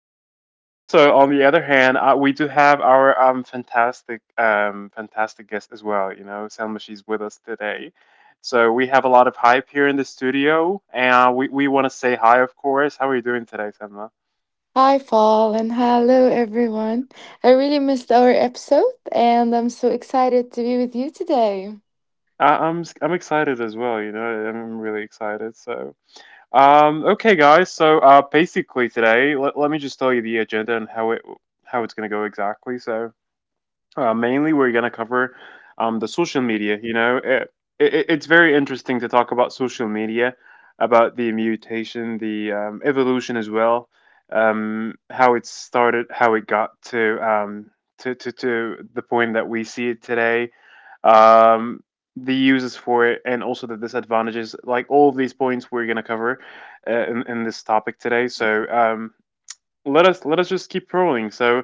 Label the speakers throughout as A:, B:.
A: Also, on the other hand, we do have our fantastic, fantastic guest as well, you know. Selma, she's with us today. So, we have a lot of hype here in the studio, and we want to say hi, of course. How are you doing today, Selma?
B: Hi, Paul, and hello, everyone. I really missed our episode, and I'm so excited to be with you today.
A: I'm excited as well. You know, I'm really excited. Okay, guys. So, basically today, let me just tell you the agenda and how it's gonna go exactly. So, mainly we're gonna cover the social media. You know, it's very interesting to talk about social media, about the mutation, the evolution as well, how it started, how it got to the point that we see it today, um, the uses for it, and also the disadvantages. Like all of these points we're gonna cover in this topic today. So let us just keep rolling. So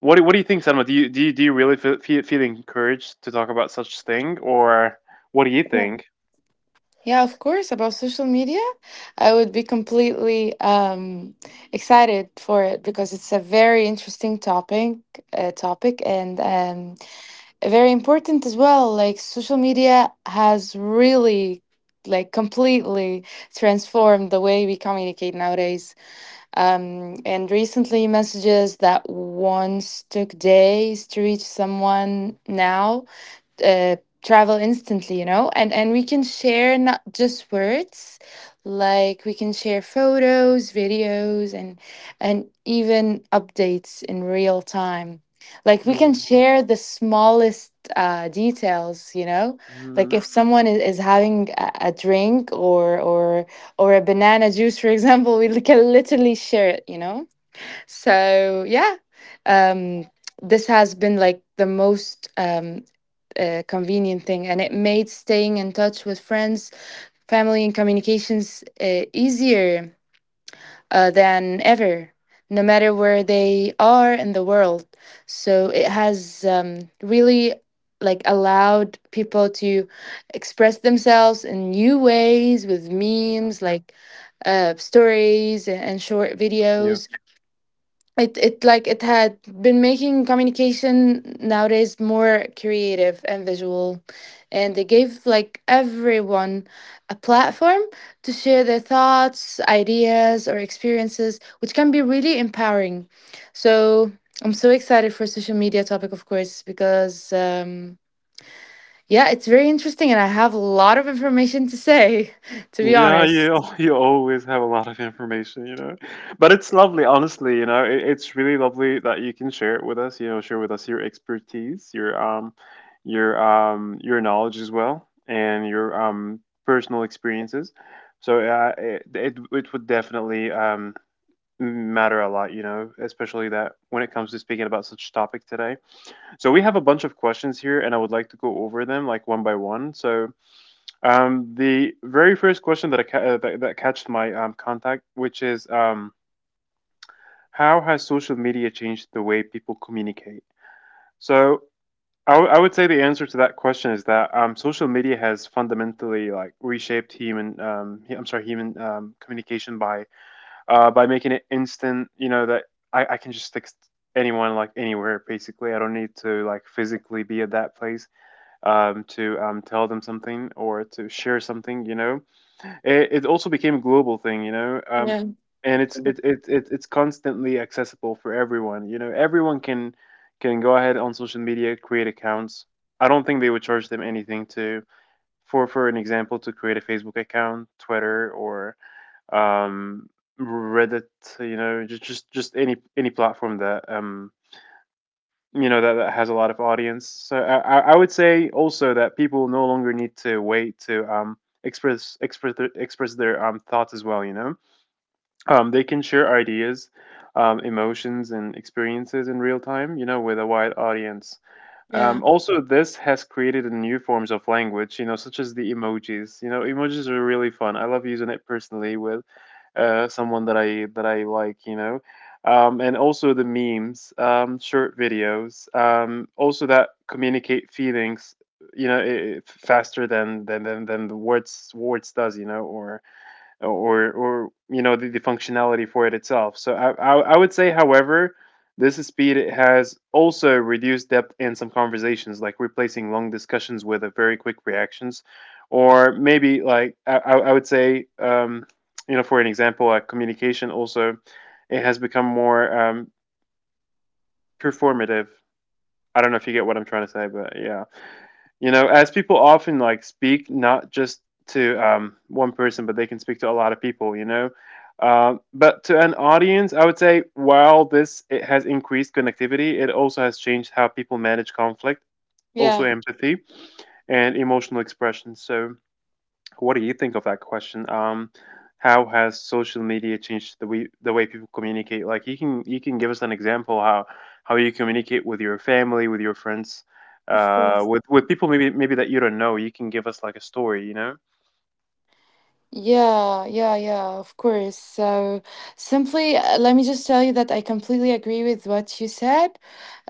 A: what do you think, Selma? Do you really feel encouraged to talk about such thing, or what do you
B: Yeah.
A: think?
B: Yeah, of course, about social media. I would be completely excited for it because it's a very interesting topic, topic and very important as well. Like, social media has really, like, completely transformed the way we communicate nowadays. And recently, messages that once took days to reach someone now uh, travel instantly, you know, and we can share not just words. Like, we can share photos, videos, and even updates in real time. Like, we can
A: Well,
B: share the smallest details, you know. Like,
A: mm,
B: if someone is having a drink or a banana juice for example, we can literally share it, you know. So yeah, um this has been like the most convenient thing, and it made staying in touch with friends, family, and communications easier than ever, no matter where they are in the world. So it has really, like, allowed people to express themselves in new ways with memes, like stories and short
A: yeah.
B: videos. It like it had been making communication nowadays more creative and visual, and they gave, like, everyone a platform to share their thoughts, ideas, or experiences, which can be really empowering. So I'm so excited for social media topic, of course, because yeah, it's very interesting, and I have a lot of information to say, to be
A: Yeah, you
B: honest.
A: al- you always have a lot of information, you know. But it's lovely, honestly, you know. It's really lovely that you can share it with us, you know, share with us your expertise, your your knowledge as well and your personal experiences. So it would definitely matter a lot, you know, especially that when it comes to speaking about such topic today. So we have a bunch of questions here and I would like to go over them like one by one. So the very first question that that catched my contact, which is how has social media changed the way people communicate? So I would say the answer to that question is that social media has fundamentally like reshaped human I'm sorry human communication by making it instant. You know that I can just text anyone like anywhere basically. I don't need to like physically be at that place to tell them something or to share something. You know, it also became a global thing. You know,
B: yeah
A: and it's constantly accessible for everyone. You know, everyone can go ahead on social media, create accounts. I don't think they would charge them anything to for an example to create a Facebook account, Twitter, or um, Reddit. You know, just any platform that that has a lot of audience. So I would say also that people no longer need to wait to express their thoughts as well. You know, they can share ideas, emotions, and experiences in real time. You know, with a wide audience.
B: yeah
A: Also, this has created a new forms of language, you know, such as the emojis. You know, emojis are really fun. I love using it personally with someone that I like, you know, and also the memes, short videos, also that communicate feelings, you know, faster than the words does, you know, or the functionality for it itself. So I would say, however, this speed has also reduced depth in some conversations, like replacing long discussions with a very quick reactions, or maybe like I would say, you know for an example, like communication also it has become more performative. I don't know if you get what I'm trying to say, but yeah. You know, as people often like speak not just to one person, but they can speak to a lot of people. You know, but to an audience, I would say while this it has increased connectivity, it also has changed how people manage conflict, also
B: yeah
A: empathy and emotional expression. So. What do you think of that question? How has social media changed the way people communicate? Like you can give us an example how you communicate with your family, with your friends,
B: of
A: uh,
B: course
A: with with people maybe that you don't know. You can give us like a story, you know?
B: Yeah, yeah, yeah, of course. So simply, let me just tell you that I completely agree with what you said.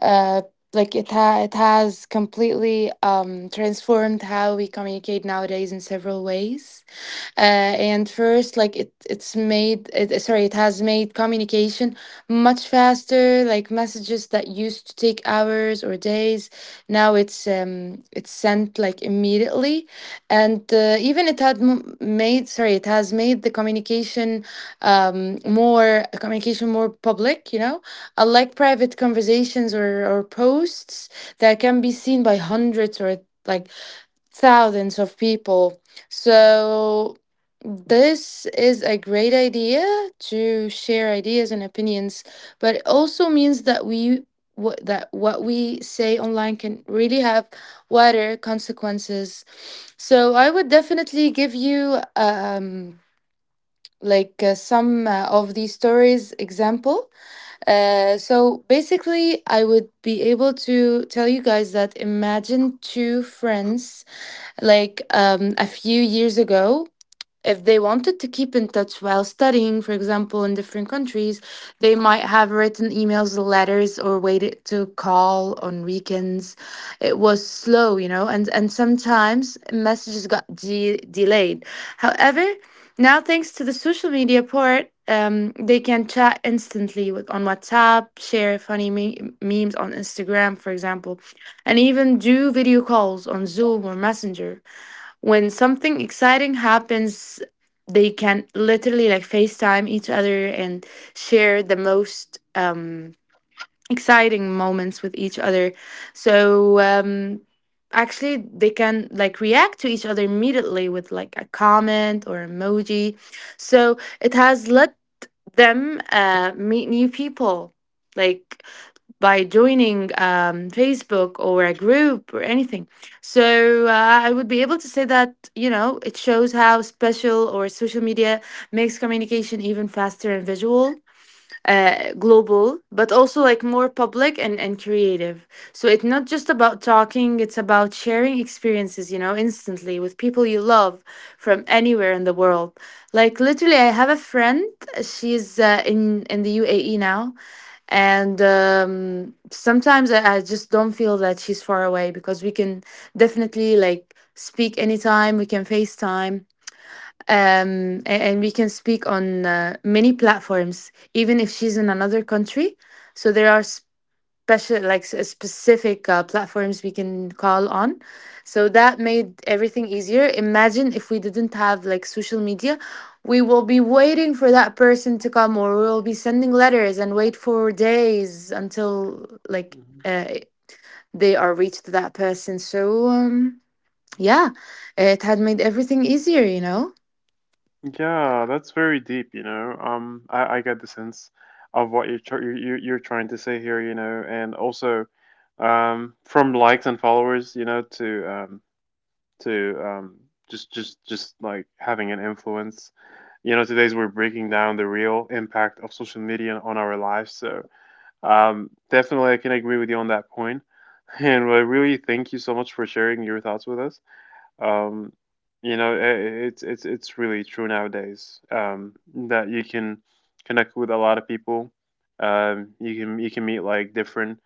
B: Uh, like it has completely transformed how we communicate nowadays in several ways. And first, like, it it's made it, sorry it has made communication much faster. Like, messages that used to take hours or days, now it's sent, like, immediately. And even it had m- made sorry it has made the communication more public, you know, unlike private conversations, or posts that can be seen by hundreds or, like, thousands of people. So this is a great idea to share ideas and opinions, but it also means that what we say online can really have wider consequences. So I would definitely give you some of these stories example. So basically, I would be able to tell you guys that, imagine two friends, like, a few years ago, if they wanted to keep in touch while studying, for example, in different countries, they might have written emails, or letters, or waited to call on weekends. It was slow, you know, and sometimes messages got delayed. However, now, thanks to the social media part, they can chat instantly with, on WhatsApp, share funny memes on Instagram, for example, and even do video calls on Zoom or Messenger. When something exciting happens, they can literally, like, FaceTime each other and share the most exciting moments with each other. So actually, they can, like, react to each other immediately with, like, a comment or emoji. So it has let them meet new people, like, by joining Facebook or a group or anything. So I would be able to say that, you know, it shows how special or social media makes communication even faster and visual, global, but also, like, more public and creative. So it's not just about talking, it's about sharing experiences, you know, instantly with people you love from anywhere in the world. Like, literally, I have a friend, she's in the UAE now. And sometimes I just don't feel that she's far away because we can definitely, like, speak anytime. We can FaceTime, and we can speak on many platforms, even if she's in another country. So there are special, like, specific platforms we can call on. So that made everything easier. Imagine if we didn't have, like, social media, we will be waiting for that person to come, or we will be sending letters and wait for days until, like,
A: Mhm.
B: uh, they are reached to that person. So yeah, it had made everything easier, you know.
A: Yeah, that's very deep, you know. I get the sense of what you're trying to say here, you know, and also from likes and followers, you know, to just like having an influence. You know, today's we're breaking down the real impact of social media on our lives. So definitely, I can agree with you on that point. And I really thank you so much for sharing your thoughts with us. Um, you know, it's really true nowadays that you can connect with a lot of people. You can meet like different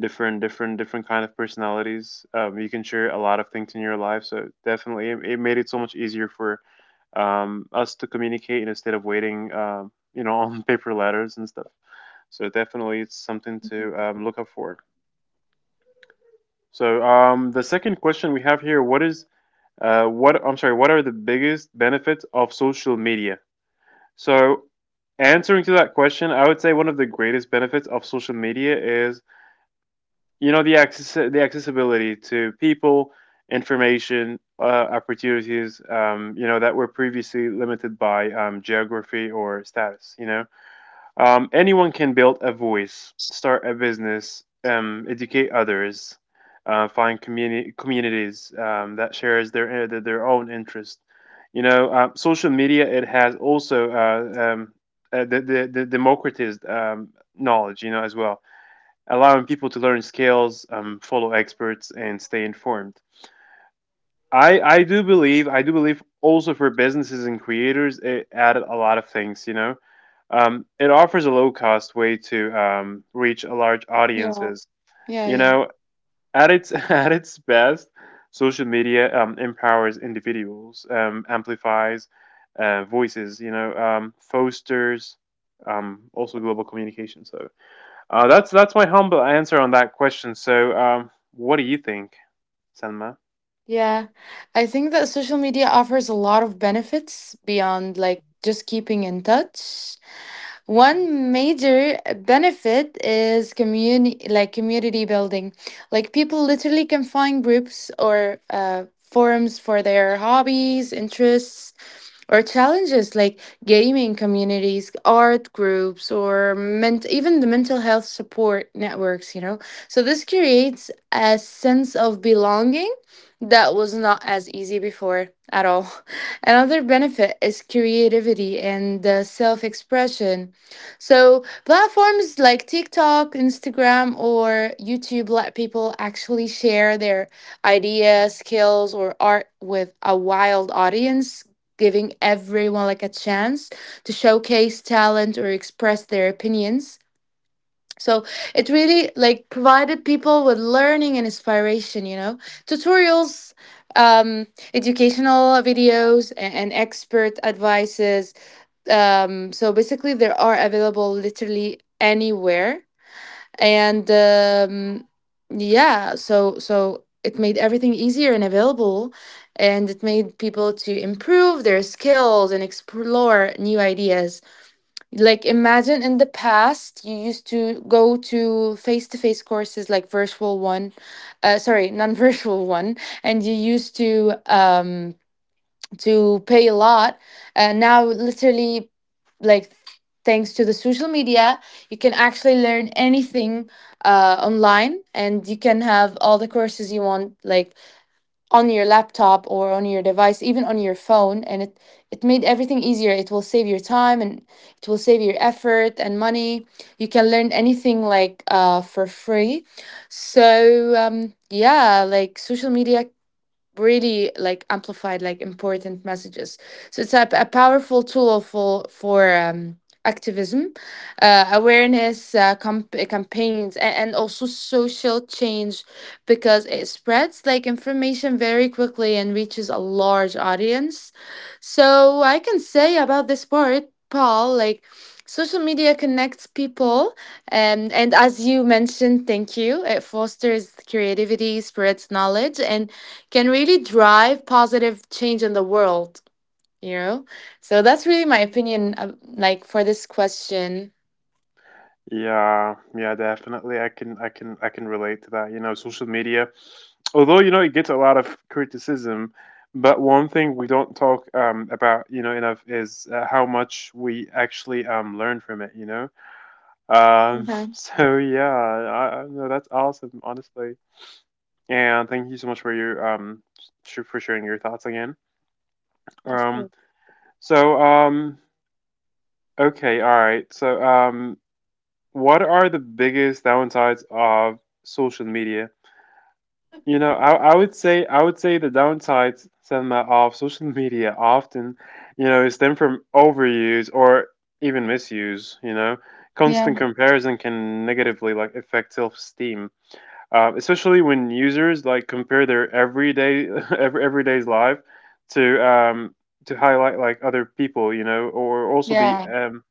A: different different different kind of personalities, you can share a lot of things in your life, so definitely it made it so much easier for us to communicate instead of waiting you know on paper letters and stuff, so definitely it's something to look up for. So the second question we have here, what is what I'm sorry, what are the biggest benefits of social media? So answering to that question, I would say one of the greatest benefits of social media is, you know, the accessibility to people, information, opportunities, you know, that were previously limited by geography or status, you know. Anyone can build a voice, start a business, educate others, communities that shares their own interest, you know. Social media, it has also the democratized knowledge, you know, as well, allowing people to learn skills, follow experts, and stay informed. I do believe also for businesses and creators it added a lot of things, you know. It offers a low cost way to reach a large
B: Yeah.
A: audiences,
B: Yeah.
A: you
B: Yeah.
A: know. At its at its best, social media, empowers individuals, amplifies voices, you know, fosters also global communication. So that's my humble answer on that question. So, what do you think, Selma?
B: Yeah, I think that social media offers a lot of benefits beyond, like, just keeping in touch. One major benefit is community, like community building. Like, people literally can find groups or forums for their hobbies, interests, or challenges, like gaming communities, art groups, or even the mental health support networks, you know. So this creates a sense of belonging that was not as easy before at all. Another benefit is creativity and self expression. So platforms like TikTok, Instagram, or YouTube let people actually share their ideas, skills, or art with a wild audience, giving everyone, like, a chance to showcase talent or express their opinions. So it really, like, provided people with learning and inspiration, you know, tutorials, um, educational videos, and expert advices. So basically, they are available literally anywhere, and yeah, so it made everything easier and available, and it made people to improve their skills and explore new ideas. Like, imagine in the past you used to go to face-to-face courses, like virtual one, sorry non-virtual one, and you used to pay a lot, and now literally, like, thanks to the social media, you can actually learn anything online, and you can have all the courses you want, like, on your laptop or on your device, even on your phone, and it made everything easier. It will save your time, and it will save your effort and money. You can learn anything, like, for free. So yeah, like social media really, like, amplified, like, important messages. So it's a powerful tool for activism, awareness, campaigns, and also social change, because it spreads, like, information very quickly and reaches a large audience. So I can say about this part, Paul, like, social media connects people, and as you mentioned, thank you, it fosters creativity, spreads knowledge, and can really drive positive change in the world, you know. So that's really my opinion of, like, for this question.
A: Yeah, yeah, definitely. I can relate to that. You know, social media, although you know it gets a lot of criticism, but one thing we don't talk about, you know, enough is how much we actually learn from it. You know,
B: Okay.
A: so yeah, I know that's awesome, honestly. And thank you so much for your for sharing your thoughts again. Um, so um Okay, all right. So, what are the biggest downsides of social media? You know, I would say the downsides, Selma, of social media often, you know, is stem from overuse or even misuse. You know,
B: Yeah.
A: constant comparison can negatively like affect self-esteem, especially when users like compare their everyday everyday's life to highlight like other people. You know, or also
B: Yeah.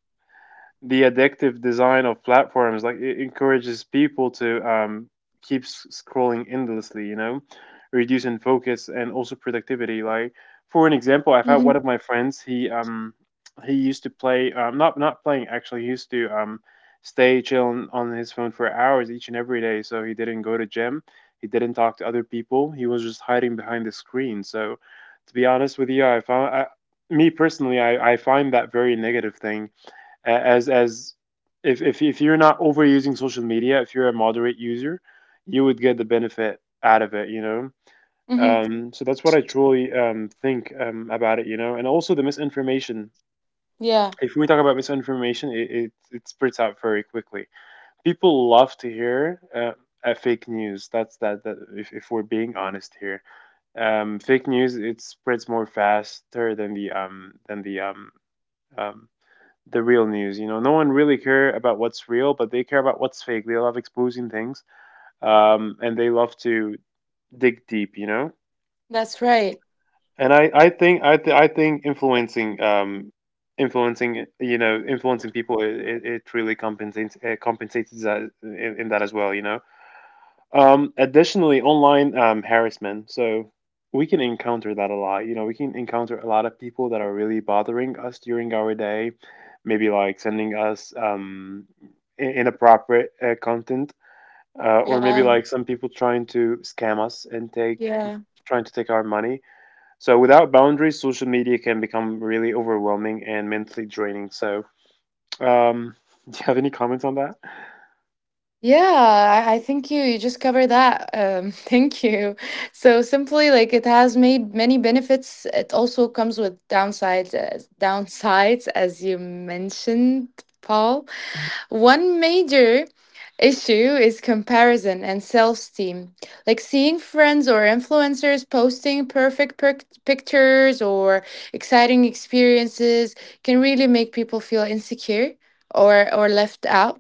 A: the addictive design of platforms like it encourages people to keep scrolling endlessly, you know, reducing focus and also productivity. Like for an
B: Hmm.
A: example, I've had one of my friends. He used to play, not playing actually, he used to stay chilling on his phone for hours each and every day. So he didn't go to gym, he didn't talk to other people, he was just hiding behind the screen. So to be honest with you, me personally, I find that very negative thing, as if, if you're not overusing social media, if you're a moderate user, you would get the benefit out of it, you know.
B: Hmm.
A: So that's what I truly think about it, you know. And also the misinformation.
B: Yeah,
A: If we talk about misinformation, it spreads out very quickly. People love to hear. Fake news, that, if we're being honest here, fake news, it spreads more faster than um the real news. You know, no one really care about what's real, but they care about what's fake. They love exposing things, and they love to dig deep. You know,
B: that's right.
A: and I, I think I think influencing you know influencing people it really compensates compensates that in that as well. You know. Additionally, online harassment. So we can encounter that a lot. You know, we can encounter a lot of people that are really bothering us during our day, maybe like sending us inappropriate content, or maybe
B: Yeah.
A: like some people trying to scam us and take,
B: Yeah.
A: trying to take our money. So without boundaries, social media can become really overwhelming and mentally draining. Um, do you have any comments on that?
B: Yeah, I think you just covered that, thank you. So, simply, like, it has made many benefits, it also comes with downsides, downsides as you mentioned, Paul. One major issue is comparison and self-esteem. Like, seeing friends or influencers posting perfect pictures or exciting experiences can really make people feel insecure or left out.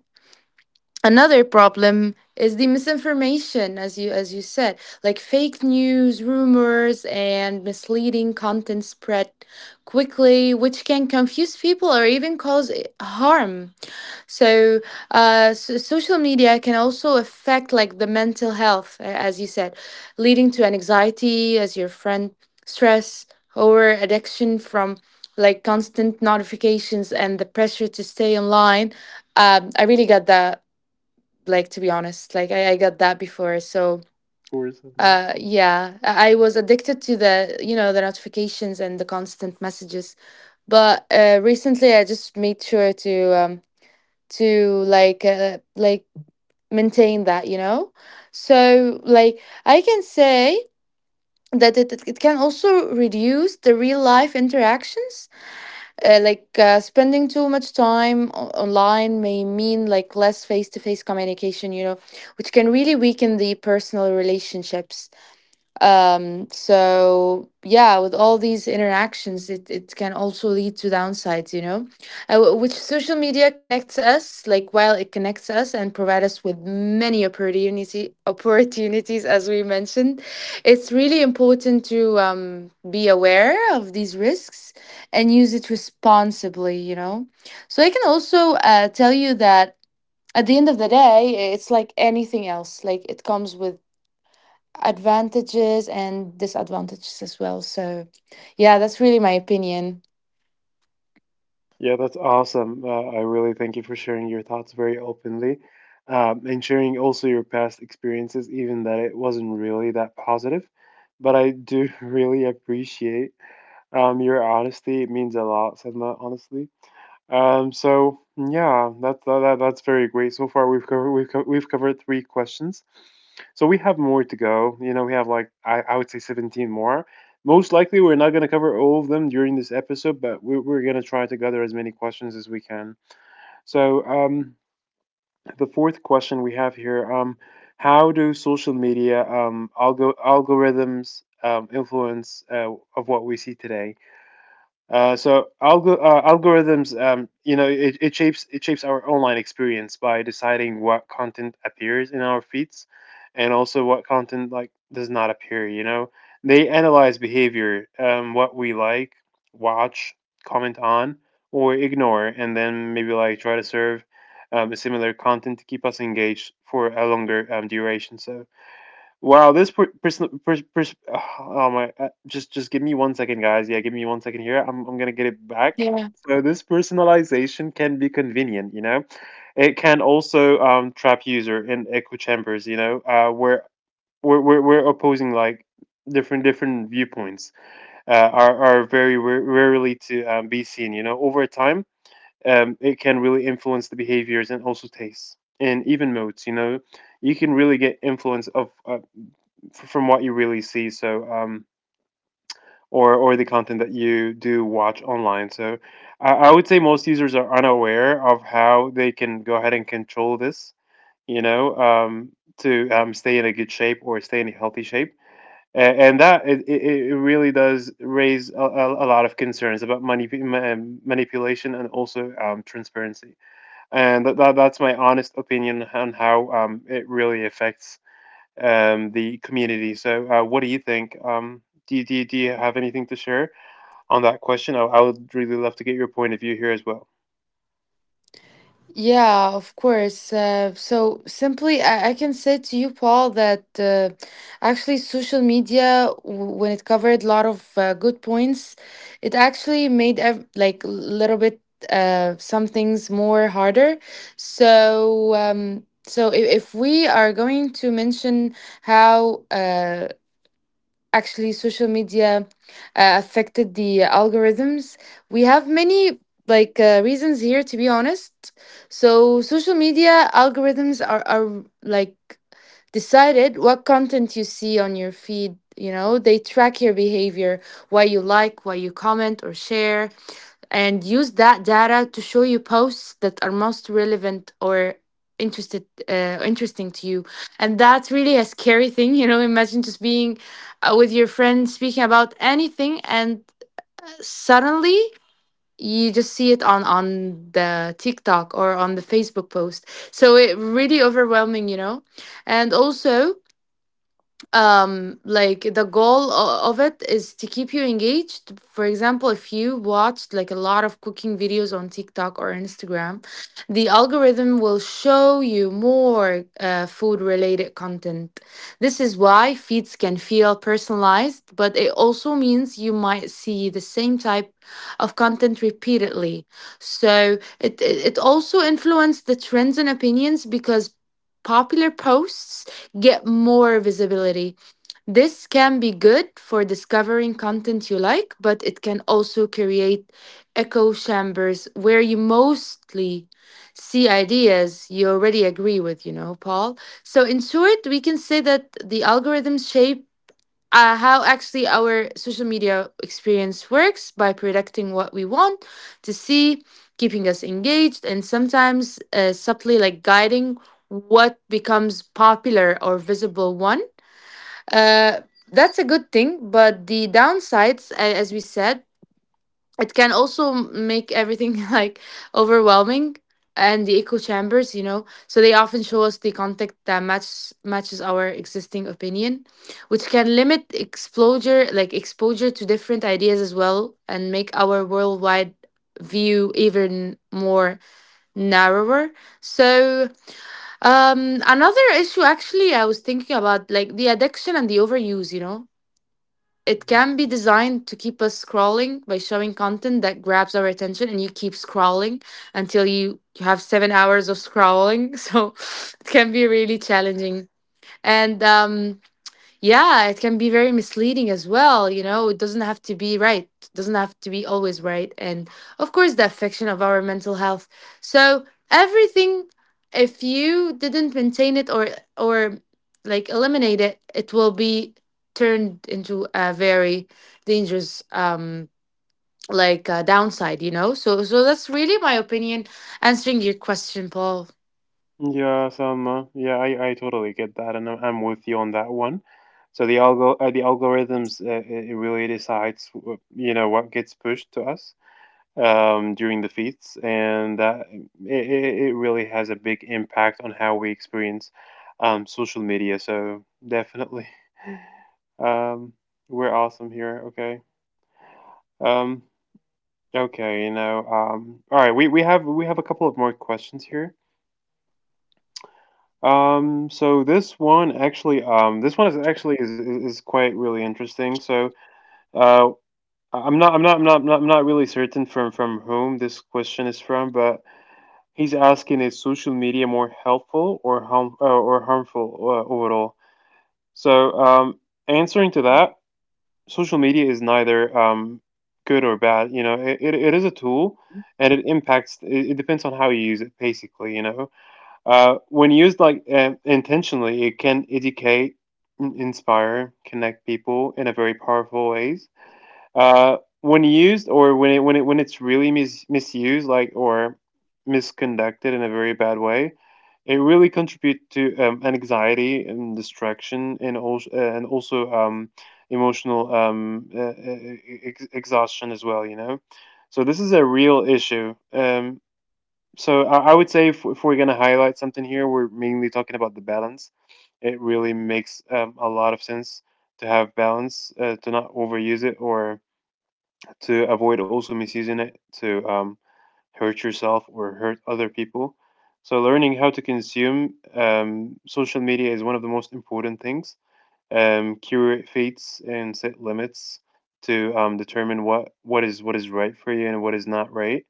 B: Another problem is the misinformation, as you said. Like, fake news, rumors, and misleading content spread quickly, which can confuse people or even cause harm. So so social media can also affect, like, the mental health, as you said, leading to an anxiety, as your friend, stress, or addiction from, like, constant notifications and the pressure to stay online. I really got that. Like, to be honest, like, I got that before. So
A: Tourism month.
B: yeah, I was addicted to the, you know, the notifications and the constant messages. But recently, I just made sure to um to like uh, like maintain that, you know. So, like, I can say that it can also reduce the real life interactions. Spending too much time online may mean, like, less face-to-face communication, you know, which can really weaken the personal relationships. So yeah, with all these interactions, it can also lead to downsides, you know. Which social media connects us, like, while it connects us and provide us with many opportunity opportunities, as we mentioned, it's really important to be aware of these risks and use it responsibly, you know. So I can also tell you that at the end of the day, it's like anything else. Like, it comes with advantages and disadvantages as well. So yeah, that's really my opinion.
A: Yeah, that's awesome. I really thank you for sharing your thoughts very openly, and sharing also your past experiences, even that it wasn't really that positive. But I do really appreciate your honesty. It means a lot, Sedma, honestly. So yeah, that's very great. So far, we've covered three questions. So we have more to go. You know, we have like I would say 17 more. Most likely, we're not going to cover all of them during this episode, but we're going to try to gather as many questions as we can. So um, the fourth question we have here: how do social media algorithms influence of what we see today? Algorithms, you know, it shapes our online experience by deciding what content appears in our feeds, and also what content like does not appear. You know, they analyze behavior, what we like, watch, comment on, or ignore, and then maybe like try to serve a similar content to keep us engaged for a longer duration. So Wow, this per, person, pers pers oh oh my, just give me 1 second, guys. Yeah, give me 1 second here. I'm gonna get it back.
B: Yeah.
A: So this personalization can be convenient, you know. It can also trap user in echo chambers, you know, where we're opposing like different viewpoints are very rarely to be seen, you know. Over time, it can really influence the behaviors and also tastes and even modes, you know you can really get influence of from what you really see. Or the content that you do watch online. So, I would say most users are unaware of how they can go ahead and control this. You know, to stay in a good shape or stay in a healthy shape. And that it really does raise a lot of concerns about manipulation and also transparency. And that's my honest opinion on how it really affects the community. So, what do you think? Do you have anything to share on that question? I would really love to get your point of view here as well.
B: Yeah, of course. So simply, I can say to you, Paul, that actually, social media, when it covered a lot of good points, it actually made ev like a little bit some things more harder. So if we are going to mention how actually social media affected the algorithms, we have many reasons here, to be honest. So social media algorithms are like decided what content you see on your feed. You know, they track your behavior, why you like, why you comment or share, and use that data to show you posts that are most relevant or interested interesting to you. And that's really a scary thing. You know, imagine just being with your friend speaking about anything, and suddenly you just see it on the TikTok or on the Facebook post. So it really overwhelming, you know. And also, like the goal of it is to keep you engaged. For example, if you watched like a lot of cooking videos on TikTok or Instagram, the algorithm will show you more food related content. This is why feeds can feel personalized, but it also means you might see the same type of content repeatedly. So it also influenced the trends and opinions, because popular posts get more visibility. This can be good for discovering content you like, but it can also create echo chambers where you mostly see ideas you already agree with, you know, Paul. So in short, we can say that the algorithms shape how actually our social media experience works by predicting what we want to see, keeping us engaged, and sometimes subtly like guiding what becomes popular or visible one. Uh, that's a good thing, but the downsides, as we said, it can also make everything like overwhelming, and the echo chambers, you know. So they often show us the content that matches our existing opinion, which can limit exposure, like exposure to different ideas as well, and make our worldwide view even more narrower. So, another issue, actually, I was thinking about, like the addiction and the overuse, you know. It
A: Mhm.
B: can be designed to keep us scrolling by showing content that grabs our attention, and you keep scrolling until you have 7 hours of scrolling. So it can be really challenging. And yeah, it can be very misleading as well. You know, it doesn't have to be right, doesn't have to be always right. And of course, the affection of our mental health. So, everything, if you didn't maintain it, or like eliminate it, it will be turned into a very dangerous, like downside, you know? So, so that's really my opinion answering your question, Paul.
A: Yeah, Salma. Yeah, I totally get that, and I'm with you on that one. So the algo the algorithms it it really decides you know what gets pushed to us during the feeds, and that it really has a big impact on how we experience social media. So definitely, Um, we're awesome here. Okay. Um, all right, we have a couple of more questions here. This one is actually is quite really interesting. So, uh, I'm not I'm not I'm not I'm not, I'm not really certain from whom this question is from, but he's asking is social media more helpful or harmful overall? So, um, Answering to that, social media is neither good or bad. You know, it is a tool, and it impacts. It depends on how you use it, basically. You know, when used like intentionally, it can educate, inspire, connect people in a very powerful ways. When used or when it when it when it's really misused, like or misconducted in a very bad way, it really contribute to anxiety and distraction and also emotional exhaustion as well. You know, so this is a real issue. So I would say if, we're gonna highlight something here, we're mainly talking about the balance. It really makes a lot of sense to have balance, to not overuse it or to avoid also misusing it to hurt yourself or hurt other people. So, learning how to consume social media is one of the most important things. Curate feeds and set limits to determine what is what is right for you and what is not right.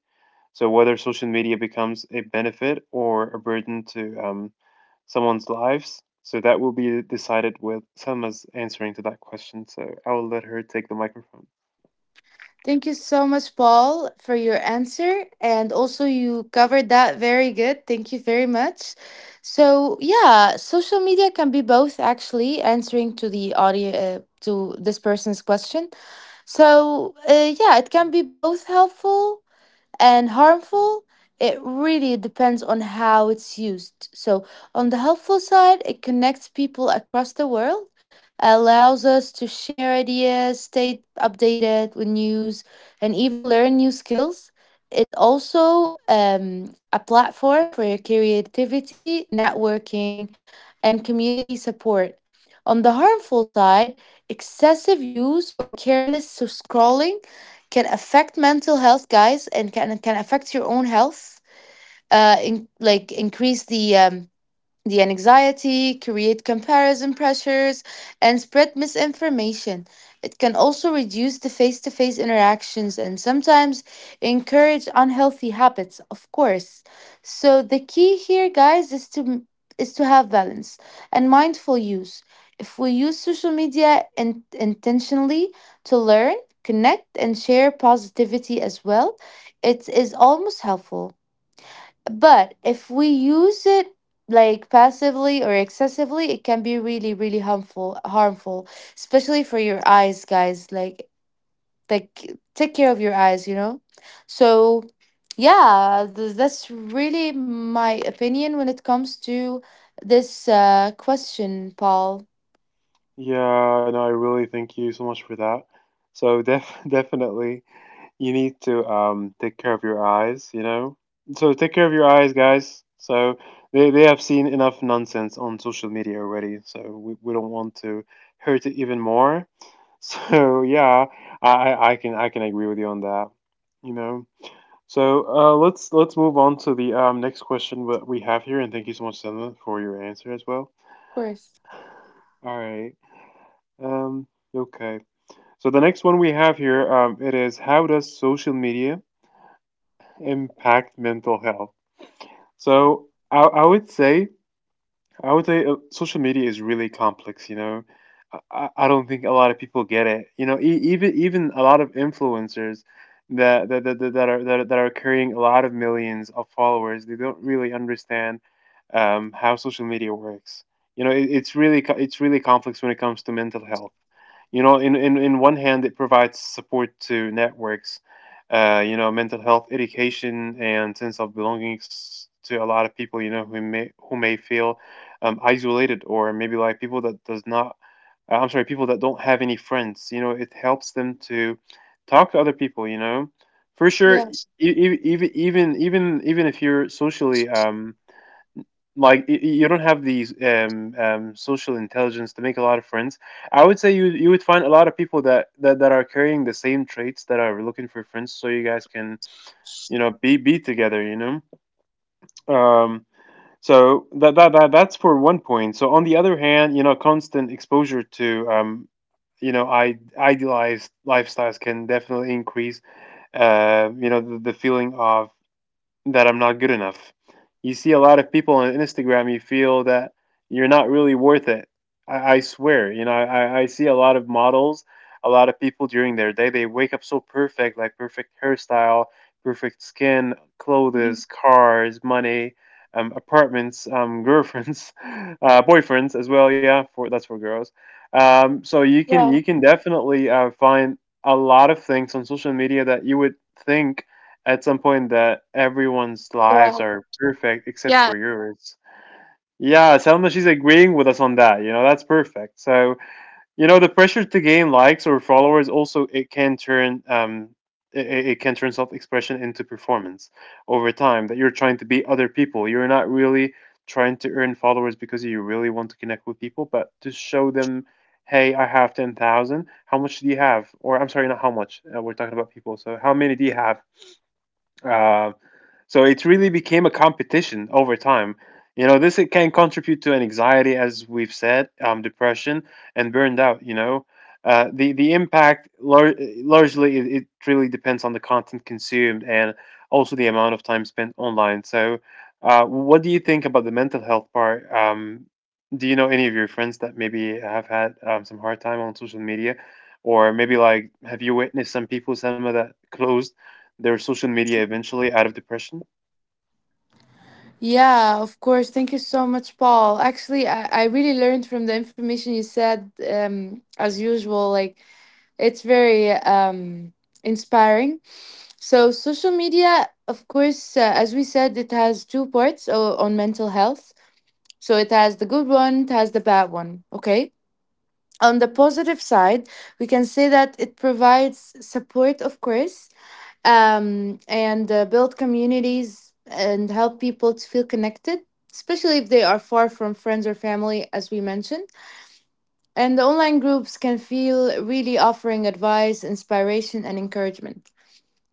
A: So, whether social media becomes a benefit or a burden to someone's lives. So that will be decided with Selma's answering to that question. So I will let her take the microphone.
B: Thank you so much, Paul, for your answer. And also, you covered that very good. Thank you very much. So, yeah, social media can be both, actually, answering to the audio, to this person's question. So, yeah, it can be both helpful and harmful. It really depends on how it's used. So on the helpful side, it connects people across the world, allows us to share ideas, stay updated with news, and even learn new skills. It also a platform for your creativity, networking, and community support. On the harmful side, excessive use or careless scrolling can affect mental health, guys, and can affect your own health, in, like increase the anxiety, create comparison pressures, and spread misinformation. It can also reduce the face to face interactions, and sometimes encourage unhealthy habits, of course. So the key here, guys, is to have balance and mindful use. If we use social media in, intentionally, to learn, connect, and share positivity as well, it is almost helpful. But if we use it like passively or excessively, it can be really, really harmful. Harmful, especially for your eyes, guys. Like take care of your eyes. You know. So, yeah, that's really my opinion when it comes to this question, Paul.
A: Yeah, no, I really thank you so much for that. So def definitely you need to take care of your eyes, you know? So take care of your eyes, guys. So they have seen enough nonsense on social media already, so we don't want to hurt it even more. So yeah, I can agree with you on that, you know. So let's move on to the next question that we have here and thank you so much, Sana, for your answer as well.
B: Of course.
A: All right. Um, okay. So the next one we have here, it is how does social media impact mental health? So I would say I would say social media is really complex. You know, I don't think a lot of people get it. You know, even a lot of influencers that that, that, that that are that, are- that are carrying a lot of millions of followers, they don't really understand how social media works. You know, it's really complex when it comes to mental health you know in in one hand it provides support to networks you know mental health education and sense of belongings to a lot of people you know who may feel isolated or maybe like people that does not I'm sorry, people that don't have any friends, you know, it helps them to talk to other people, you know, for sure,
B: Yeah.
A: even if you're socially you don't have the social intelligence to make a lot of friends. I would say you would find a lot of people that are carrying the same traits that are looking for friends, so you guys can you know be together. Um, that, that's for one point. So on the other hand, you know, constant exposure to you know I idealized lifestyles can definitely increase you know the feeling of that I'm not good enough. You see a lot of people on Instagram, you feel that you're not really worth it. I swear, you know, I see a lot of models, a lot of people during their day, they wake up so perfect, like perfect hairstyle, perfect skin,
B: Mhm.
A: clothes, cars, money, apartments, girlfriends, boyfriends as well. Yeah, for that's for girls. You
B: Yeah.
A: can definitely find a lot of things on social media that you would think at some point that everyone's lives
B: Yeah.
A: are perfect except
B: Yeah.
A: for yours. Yeah, Selma, she's agreeing with us on that. You know, that's perfect. So, you know, the pressure to gain likes or followers also it can turn it, it it can turn self-expression into performance over time that you're trying to be other people. You're not really trying to earn followers because you really want to connect with people, but to show them, hey, I have 10,000. How much do you have? Or I'm sorry, not how much. We're talking about people. So, how many do you have? Um, so it really became a competition over time. You know, this it can contribute to an anxiety, as we've said, depression and burned out. You know, the impact largely it really depends on the content consumed and also the amount of time spent online. So, what do you think about the mental health part? Do you know any of your friends that maybe have had some hard time on social media, or maybe like have you witnessed some people, Selma, that closed their social media eventually out of depression?
B: Yeah, of course. Thank you so much, Paul. Actually, I really learned from the information you said, as usual. Like, it's very inspiring. So, social media, of course, as we said, it has two parts on mental health. So, it has the good one, it has the bad one. Okay. On the positive side, we can say that it provides support, of course, and build communities and help people to feel connected, especially if they are far from friends or family, as we mentioned. And the online groups can feel really offering advice, inspiration, and encouragement.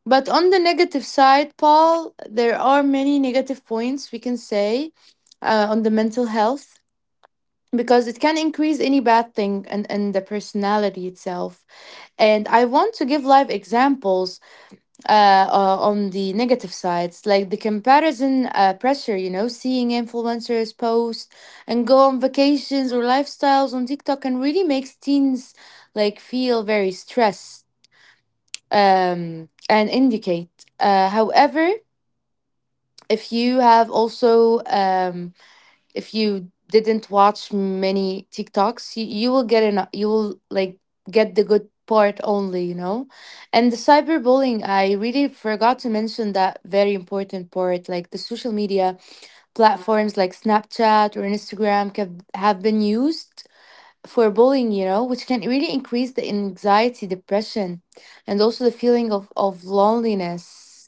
B: But on the negative side, Paul, there are many negative points we can say on the mental health, because it can increase any bad thing and the personality itself. And I want to give live examples uh, on the negative sides, like the comparison pressure, you know, seeing influencers post and go on vacations or lifestyles on TikTok, and really makes teens like feel very stressed and indicate. However, if you have also if you didn't watch many TikToks, you will get an you will like get the good part only, you know? And the cyberbullying, I really forgot to mention that very important part. Like the social media platforms like Snapchat or Instagram have been used for bullying, you know, which can really increase the anxiety, depression, and also the feeling of loneliness,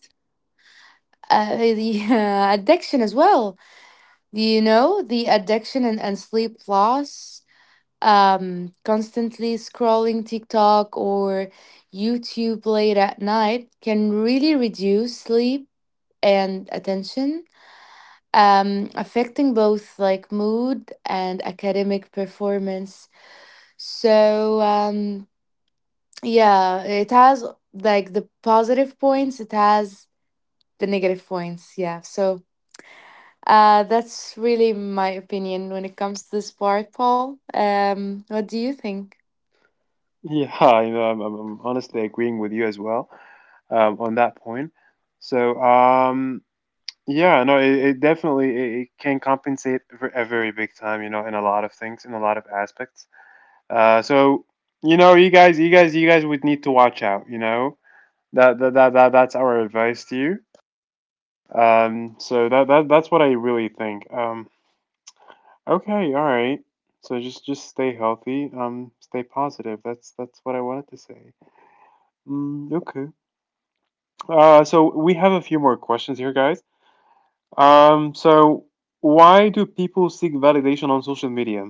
B: the addiction as well, you know, the addiction and sleep loss, constantly scrolling TikTok or YouTube late at night can really reduce sleep and attention, affecting both like mood and academic performance. So, yeah, it has like the positive points, it has the negative points. Yeah. So, uh, that's really my opinion when it comes to this part, Paul. What do you think?
A: Yeah, you know, I'm honestly agreeing with you as well on that point. So, yeah, no, it definitely it can compensate for a very big time, you know, in a lot of things, in a lot of aspects. So, you know, you guys would need to watch out, you know. That's our advice to you. So that's what I really think. Okay, all right. So just stay healthy. Stay positive. That's what I wanted to say. Mm, okay. So we have a few more questions here, guys. So why do people seek validation on social media?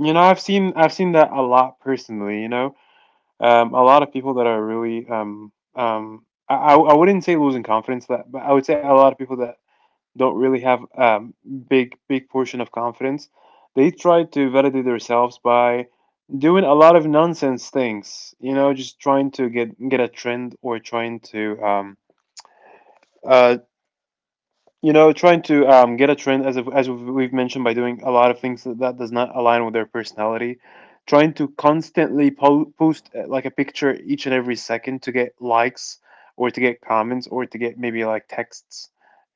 A: You know, I've seen that a lot personally. You know, a lot of people that are really I wouldn't say losing confidence, that, but I would say a lot of people that don't really have big portion of confidence. They try to validate themselves by doing a lot of nonsense things. You know, just trying to get a trend or trying to uh, trying to get a trend, as if- as we've mentioned, by doing a lot of things that, that does not align with their personality. Trying to constantly post like a picture each and every second to get likes or to get comments or to get maybe like texts.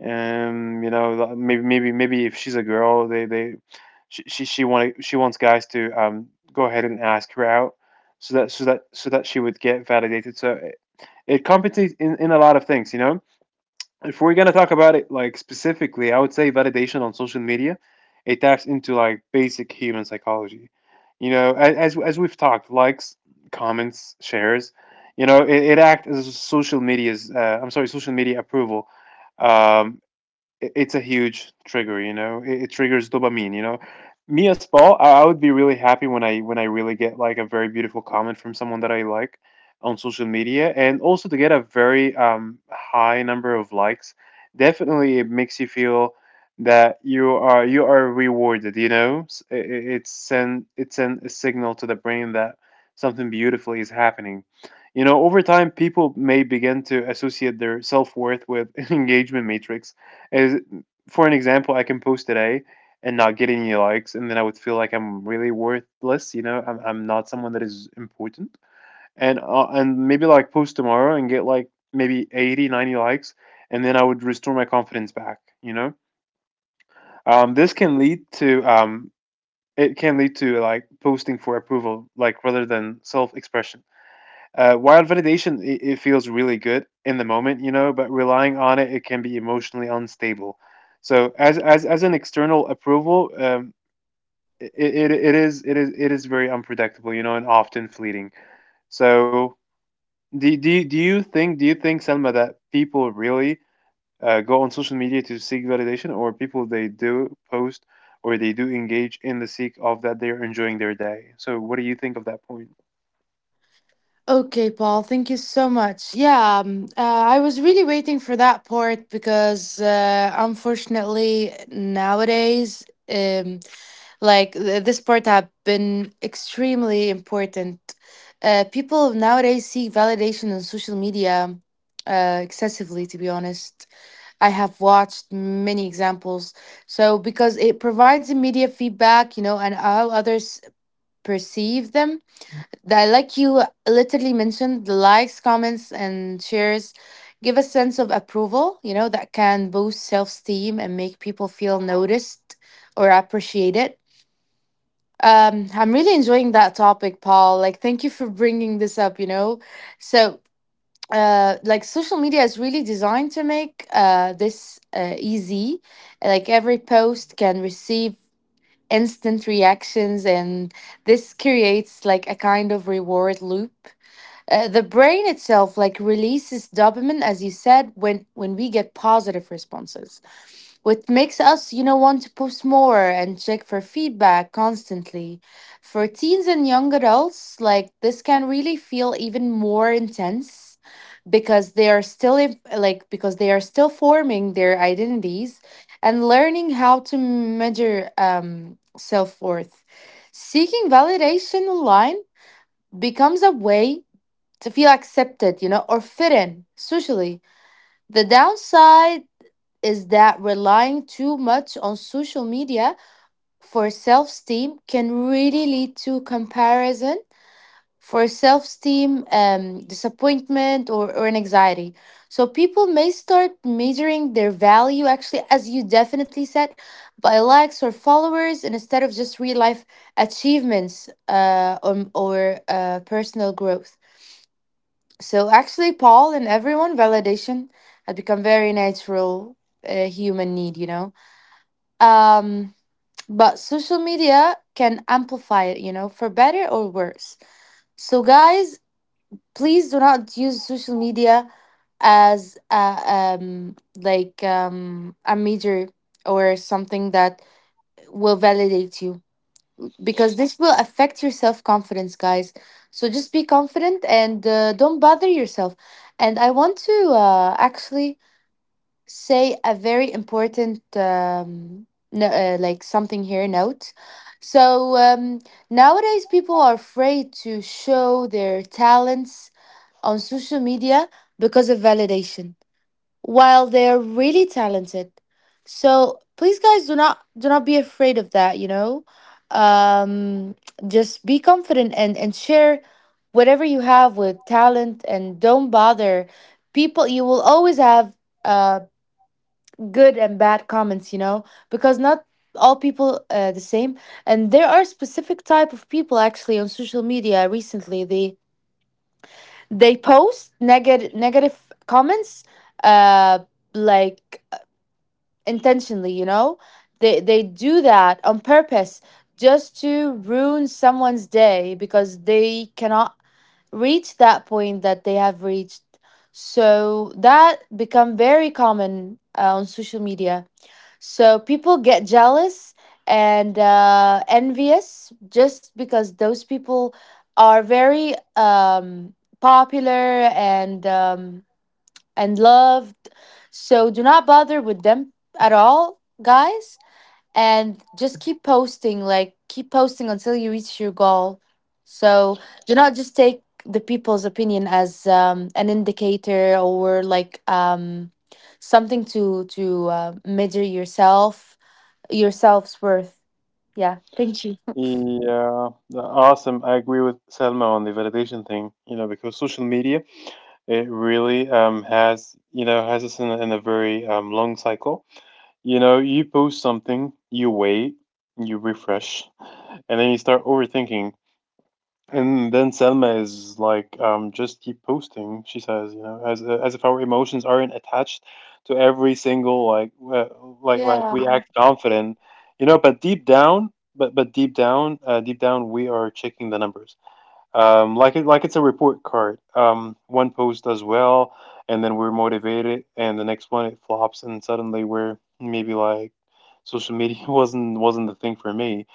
A: You know, like, maybe if she's a girl, they she, want, she wants guys to go ahead and ask her out so that she would get validated. So it compensates in a lot of things, you know if we're gonna talk about it like specifically, I would say validation on social media, it taps into like basic human psychology. You know, as we've talked, likes, comments, shares, you know, it acts as a social media's. I'm sorry, social media approval. Um, it's a huge trigger, you know. It triggers dopamine. You know, me as Paul, I would be really happy when I really get like a very beautiful comment from someone that I like on social media, and also to get a very high number of likes. Definitely it makes you feel that you are rewarded, you know. It's send a signal to the brain that something beautiful is happening. You know, over time people may begin to associate their self-worth with engagement matrix is for an example. I can post today and not get any likes, and then I would feel like I'm really worthless. You know, I'm not someone that is important. And maybe like post tomorrow and get like maybe 80, 90 likes, and then I would restore my confidence back. You know, this can lead to it can lead to like posting for approval, like rather than self expression. Wild validation, it feels really good in the moment, you know, but relying on it, it can be emotionally unstable. So as an external approval, it is very unpredictable, you know, and often fleeting. So do do you think Selma, that people really go on social media to seek validation, or people they do post or they do engage in the seek of that they're enjoying their day? So what do you think of that point?
B: Okay, Paul, thank you so much. Yeah, I was really waiting for that part, because unfortunately nowadays, um, like this part have been extremely important. People nowadays seek validation on social media excessively, to be honest. I have watched many examples. So, because it provides immediate feedback, you know, and how others perceive them. That, like you literally mentioned, the likes, comments, and shares give a sense of approval, you know, that can boost self esteem and make people feel noticed or appreciated. I'm really enjoying that topic, Paul. Like, thank you for bringing this up, you know. So, like social media is really designed to make this easy. Like every post can receive instant reactions, and this creates like a kind of reward loop. The brain itself like releases dopamine, as you said, when we get positive responses, what makes us, you know, want to post more and check for feedback constantly. For teens and young adults, like this can really feel even more intense because they are still like because they are still forming their identities and learning how to measure self-worth. Seeking validation online becomes a way to feel accepted, you know, or fit in socially. The downside is that relying too much on social media for self esteem can really lead to comparison for self esteem, disappointment, or an anxiety. So people may start measuring their value, actually, as you definitely said, by likes or followers, and instead of just real life achievements or personal growth. So actually, Paul and everyone, validation had become very natural human need, you know? Um, but social media can amplify it, you know, for better or worse. So, guys, please do not use social media as a, a major or something that will validate you, because this will affect your self confidence, guys. So, just be confident and don't bother yourself. And I want to actually say a very important no, like something here note. So nowadays people are afraid to show their talents on social media because of validation, while they are really talented. So please guys, do not be afraid of that, you know. um, just be confident and share whatever you have with talent, and don't bother people. You will always have um good and bad comments, you know, because not all people the same. And there are specific type of people, actually, on social media recently, they post negative comments, uh like intentionally, you know. They do that on purpose, just to ruin someone's day because they cannot reach that point that they have reached. So that become very common on social media. So people get jealous and envious, just because those people are very popular and loved. So do not bother with them at all, guys, and just keep posting. Like keep posting until you reach your goal. So do not just take the people's opinion as an indicator or something to measure yourself, your self's worth. Yeah. Thank you.
A: Yeah, awesome. I agree with Selma on the validation thing, you know, because social media, it really has, you know, has us in a very long cycle. You know, you post something, you wait, you refresh, and then you start overthinking, and then Selma is like, just keep posting. She says, you know, as if our emotions aren't attached to every single like like we
B: Yeah,
A: act confident, you know. But deep down, but deep down, we are checking the numbers. Like it, like it's a report card. One post does well, and then we're motivated, and the next one it flops, and suddenly we're maybe like, social media wasn't the thing for me.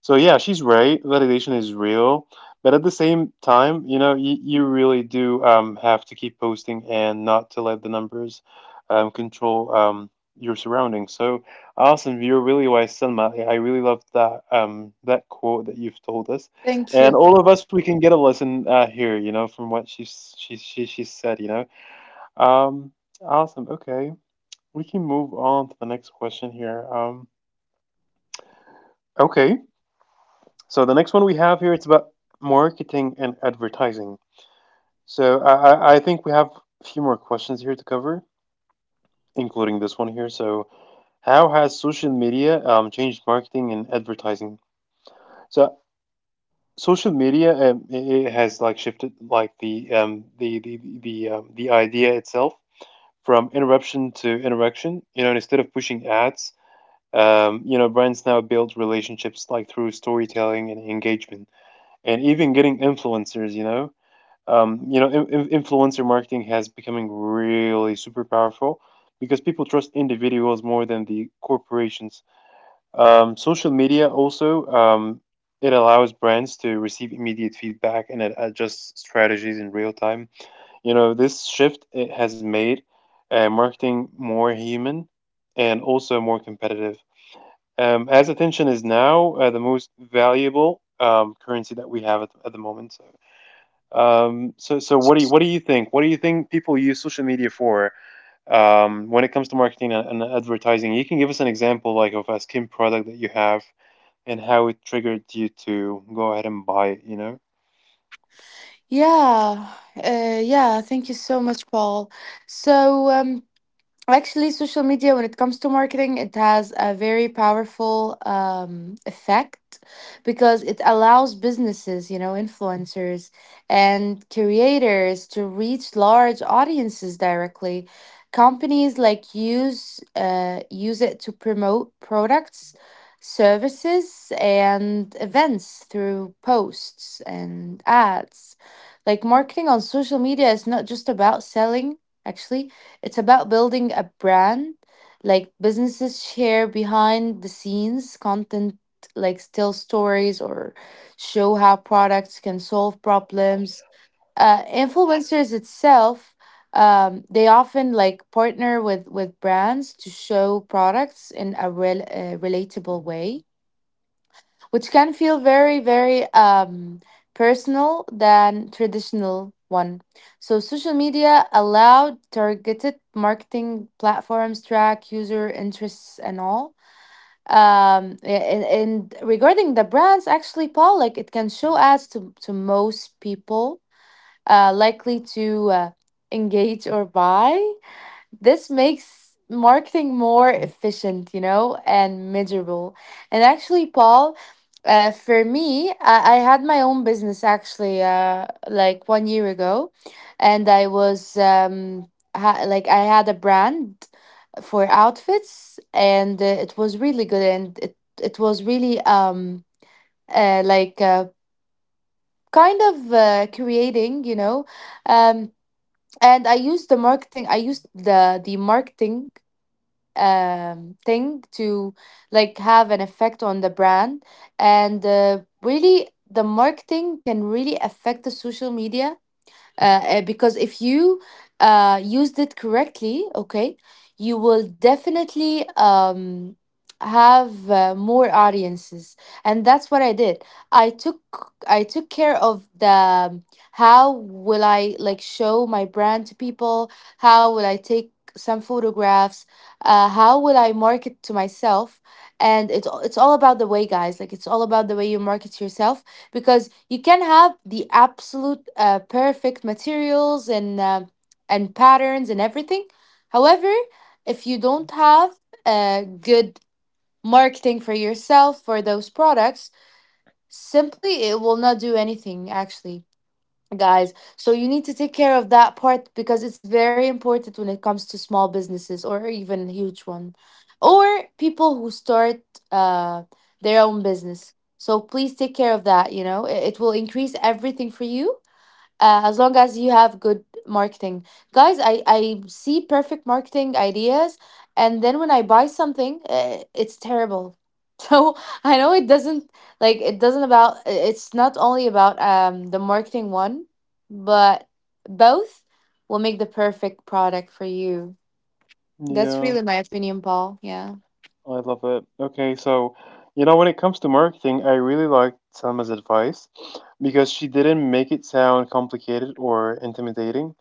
A: So yeah, she's right. Validation is real, but at the same time, you know, you really do have to keep posting and not to let the numbers control your surroundings. So awesome, you're really wise, Selma. I really love that that quote that you've told us.
B: thank
A: And
B: you,
A: all of
B: Paul.
A: us, we can get a lesson here, you know, from what she's she said, you know. Um, Awesome. Okay, we can move on to the next question here. Okay, so the next one we have here, it's about marketing and advertising. So I think we have a few more questions here to cover, including this one here. So how has social media changed marketing and advertising? So social media it it has like shifted like the idea itself from interruption to interaction. You know, and instead of pushing ads, you know, brands now build relationships like through storytelling and engagement, and even getting influencers. You know, influencer marketing has becoming really super powerful because people trust individuals more than the corporations. Social media also it allows brands to receive immediate feedback and adjust strategies in real time. You know, this shift it has made marketing more human and also more competitive. As attention is now the most valuable currency that we have at the moment. So, so, so what do you think? What do you think people use social media for when it comes to marketing and advertising? You can give us an example, like of a skin product that you have and how it triggered you to go ahead and buy it. You know?
B: Yeah, uh, yeah, thank you so much, Paul. So, Actually, social media, when it comes to marketing, it has a very powerful effect, because it allows businesses, you know, influencers and creators to reach large audiences directly. Companies like use use it to promote products, services, and events through posts and ads. Like marketing on social media is not just about selling, actually it's about building a brand. Like businesses share behind the scenes content, like still stories or show how products can solve problems. Influencers itself, they often like partner with brands to show products in a relatable way which can feel very, very, personal than traditional one. So social media allowed targeted marketing platforms track user interests and all. And regarding the brands, actually, Paul, like it can show ads to most people likely to uh, engage or buy. This makes marketing more efficient, you know, and measurable. And actually, Paul, for me, I had my own business actually, like 1 year ago, and like I had a brand for outfits, and it was really good, and it was really uh, like uh, kind of creating, you know, um, and I used the marketing. I used the marketing thing to like have an effect on the brand and really the marketing can really affect the social media because if you used it correctly, okay, you will definitely have more audiences, and that's what I did. I took care of the how will I like show my brand to people? How will I take some photographs? How will I market to myself? And it's all about the way, guys. Like it's all about the way you market yourself because you can have the absolute perfect materials and patterns and everything. However, if you don't have good marketing for yourself for those products, simply it will not do anything actually guys. So you need to take care of that part because it's very important when it comes to small businesses or even a huge one, or people who start uh, their own business. So please take care of that. You know, it will increase everything for you, as long as you have good marketing guys. I see perfect marketing ideas and then when I buy something it's terrible so I know it doesn't like it doesn't about it's not only about the marketing one but both will make the perfect product for you. That's
A: Yeah.
B: really my opinion, Paul. Yeah,
A: I love it. Okay, so you know, when it comes to marketing, I really liked Selma's advice because she didn't make it sound complicated or intimidating.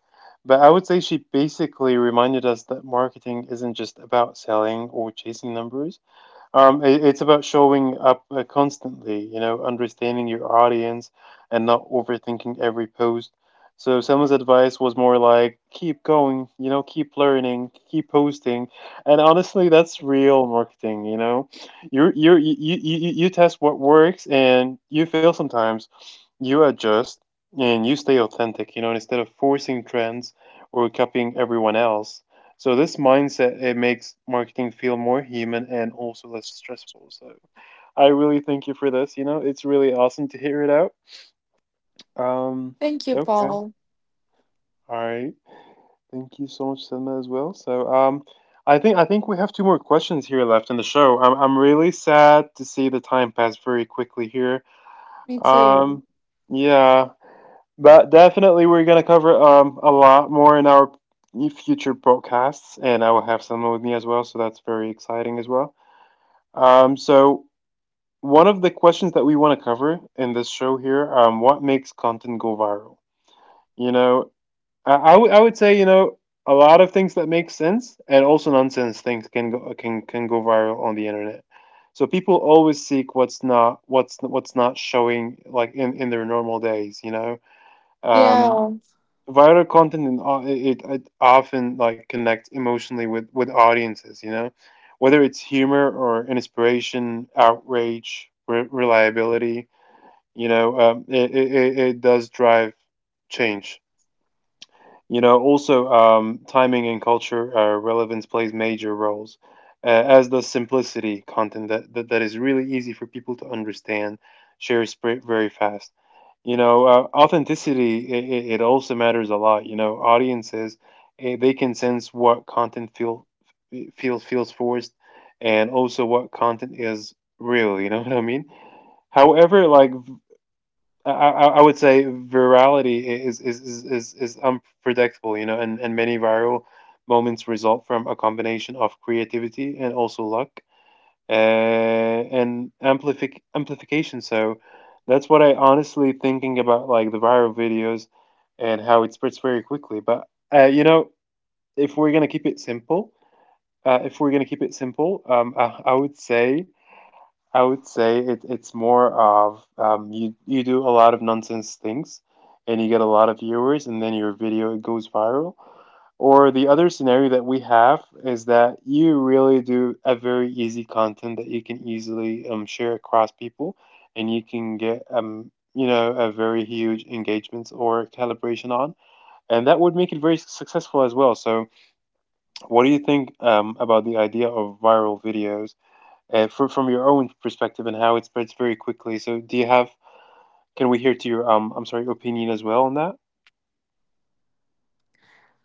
A: But I would say she basically reminded us that marketing isn't just about selling or chasing numbers. It, it's about showing up constantly, you know, understanding your audience and not overthinking every post. So someone's advice was more like, keep going, you know, keep learning, keep posting. And honestly, that's real marketing, you know. You test what works and you fail sometimes. You adjust and you stay authentic, you know, instead of forcing trends or copying everyone else. So this mindset it makes marketing feel more human and also less stressful. So I really thank you for this. You know, it's really awesome to hear it out. Um,
B: thank you,
A: okay,
B: Paul.
A: all right. Thank you so much, Selma, as well. So I think we have two more questions here left in the show. I'm really sad to see the time pass very quickly here.
B: Me too.
A: Um, yeah, but definitely we're gonna cover a lot more in our future broadcasts, and I will have Selma with me as well. So that's very exciting as well. So one of the questions that we want to cover in this show here, what makes content go viral? You know, I would say, you know, a lot of things that make sense and also nonsense things can go viral on the internet. So people always seek what's not what's not showing like in their normal days, you know. Um,
B: Yeah.
A: Viral content it, it often like connects emotionally with audiences, you know, whether it's humor or inspiration, outrage, reliability, you know. It does drive change, you know. Also, timing and culture, relevance plays major roles, as does simplicity. Content that is really easy for people to understand, shares spread very fast. You know, authenticity, it also matters a lot. You know, audiences, they can sense what content feels forced, and also what content is real. You know, what I mean? However, like I would say virality is unpredictable, you know, and many viral moments result from a combination of creativity and also luck, and amplification. So that's what I honestly thinking about, like the viral videos and how it spreads very quickly. But uh, you know, if we're gonna keep it simple, if we're gonna keep it simple, I would say. I would say it's more of, you do a lot of nonsense things and you get a lot of viewers and then your video it goes viral. Or the other scenario that we have is that you really do a very easy content that you can easily, share across people and you can get, you know, a very huge engagements or calibration on, and that would make it very successful as well. So what do you think, about the idea of viral videos? From your own perspective and how it spreads very quickly. So do you have? Can we hear to your? I'm sorry, opinion as well on that?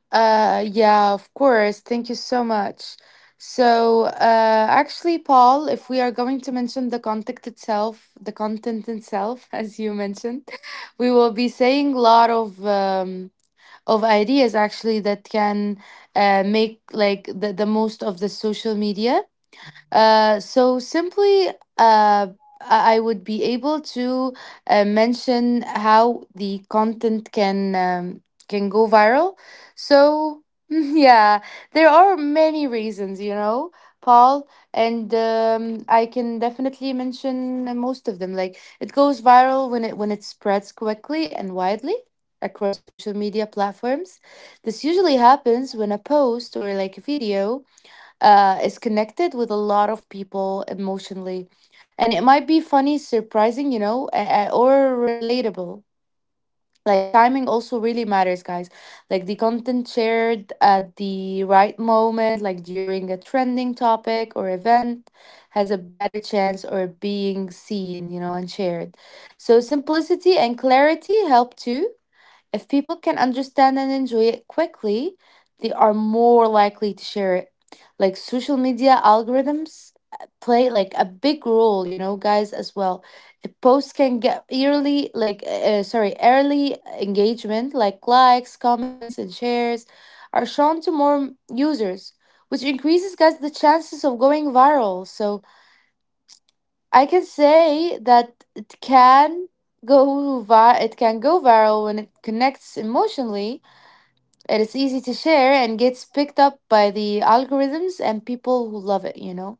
B: Yeah, of course. Thank you so much. So, actually, Paul, if we are going to mention the content itself, as you mentioned, we will be saying a lot of ideas actually that can make like the most of the social media. So simply, uh, I would be able to mention how the content can go viral. So yeah, there are many reasons, you know, Paul, and I can definitely mention most of them. Like it goes viral when it spreads quickly and widely across social media platforms. This usually happens when a post or like a video is connected with a lot of people emotionally. And it might be funny, surprising, you know, or relatable. Like timing also really matters, guys. Like the content shared at the right moment, like during a trending topic or event, has a better chance or being seen, you know, and shared. So simplicity and clarity help too. If people can understand and enjoy it quickly, they are more likely to share it. Like social media algorithms play like a big role, you know, guys, as well. A post can get early, like, sorry, early engagement, like likes, comments, and shares are shown to more users, which increases, guys, the chances of going viral. So I can say that it can it can go viral when it connects emotionally, it is easy to share and gets picked up by the algorithms and people who love it, you know?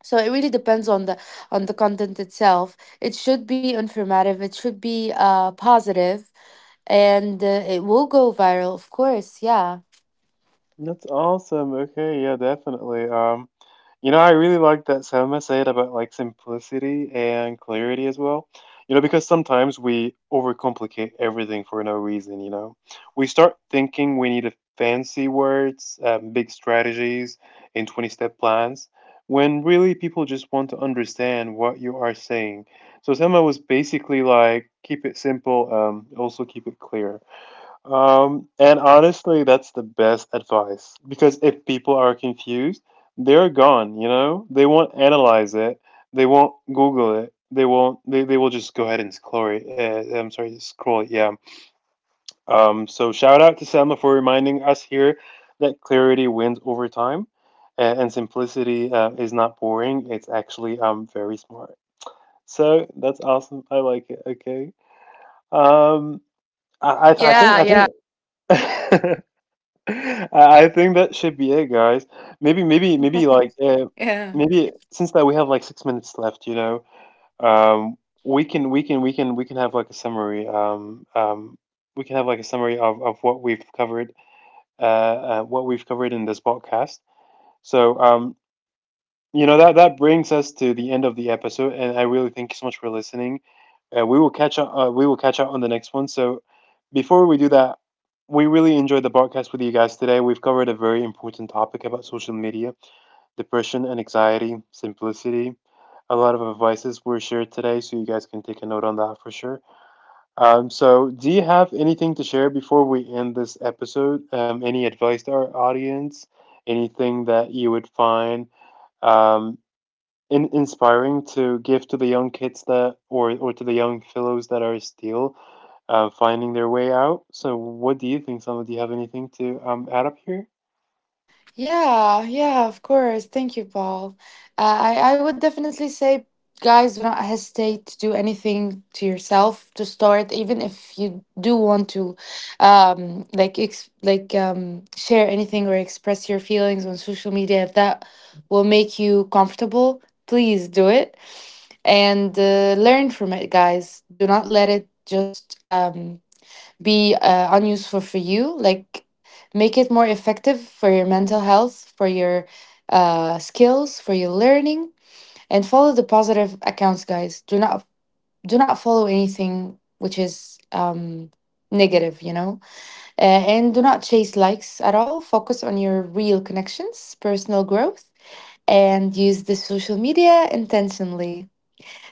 B: So it really depends on the content itself. It should be informative, it should be positive and it will go viral, of course, yeah.
A: That's awesome. Okay, yeah, definitely. You know, I really like that Selma said about like simplicity and clarity as well. You know, because sometimes we overcomplicate everything for no reason, you know. We start thinking we need fancy words, big strategies, and 20-step plans, when really people just want to understand what you are saying. So Selma was basically like, keep it simple, also keep it clear. And honestly, that's the best advice because if people are confused, they're gone, you know? They won't analyze it, they won't Google it, they won't they will just go ahead and scroll it. I'm sorry, scroll it, yeah. So shout out to Selma for reminding us here that clarity wins over time, and simplicity is not boring, it's actually very smart. So that's awesome. I like it. Okay. Um, I I, I think
B: Yeah, yeah.
A: I think I think that should be it, guys. Maybe
B: Yeah.
A: maybe since that we have like 6 minutes left, you know, um, we can have like a summary. We can have like a summary of what we've covered in this podcast. So, you know that that brings us to the end of the episode, and I really thank you so much for listening. We will catch up. We will catch up on the next one. So, before we do that, we really enjoyed the podcast with you guys today. We've covered a very important topic about social media, depression and anxiety, simplicity. A lot of advices were shared today, so you guys can take a note on that for sure. So, do you have anything to share before we end this episode? Any advice to our audience? Anything that you would find um, inspiring to give to the young kids that, or to the young fellows that are still finding their way out. So, what do you think, Sama? Do you have anything to add up here?
B: Yeah, yeah, of course. Thank you, Paul. I would definitely say, guys, do not hesitate to do anything to yourself to start, even if you do want to, like share anything or express your feelings on social media. If that will make you comfortable, please do it and learn from it, guys. Do not let it just be unuseful for you. Like make it more effective for your mental health, for your skills, for your learning, and follow the positive accounts, guys. Do not follow anything which is negative, you know. And do not chase likes at all. Focus on your real connections, personal growth, and use the social media intentionally.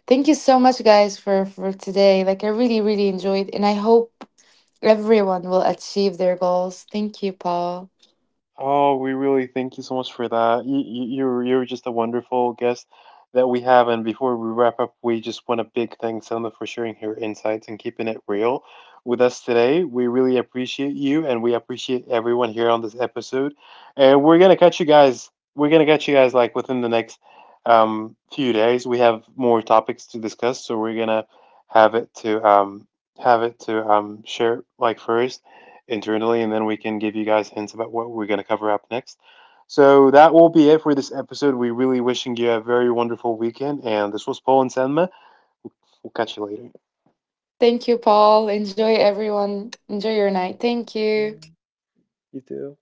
B: Thank you so much, guys, for today. Like I really really enjoyed, and I hope everyone will achieve their goals. Thank you, Paul.
A: Oh, we really thank you so much for that. You're just a wonderful guest that we have. And before we wrap up, we just want a big thanks, Selma, for sharing her insights and keeping it real with us today. We really appreciate you, and we appreciate everyone here on this episode. And we're gonna catch you guys. We're gonna catch you guys like within the next, few days. We have more topics to discuss, so we're gonna have it to um, have it to, share like first internally, and then we can give you guys hints about what we're going to cover up next. So that will be it for this episode. We really wishing you a very wonderful weekend, and this was Paul and Selma. We'll catch you later.
B: Thank you, Paul. Enjoy, everyone. Enjoy your night. Thank you.
A: Uh, You too.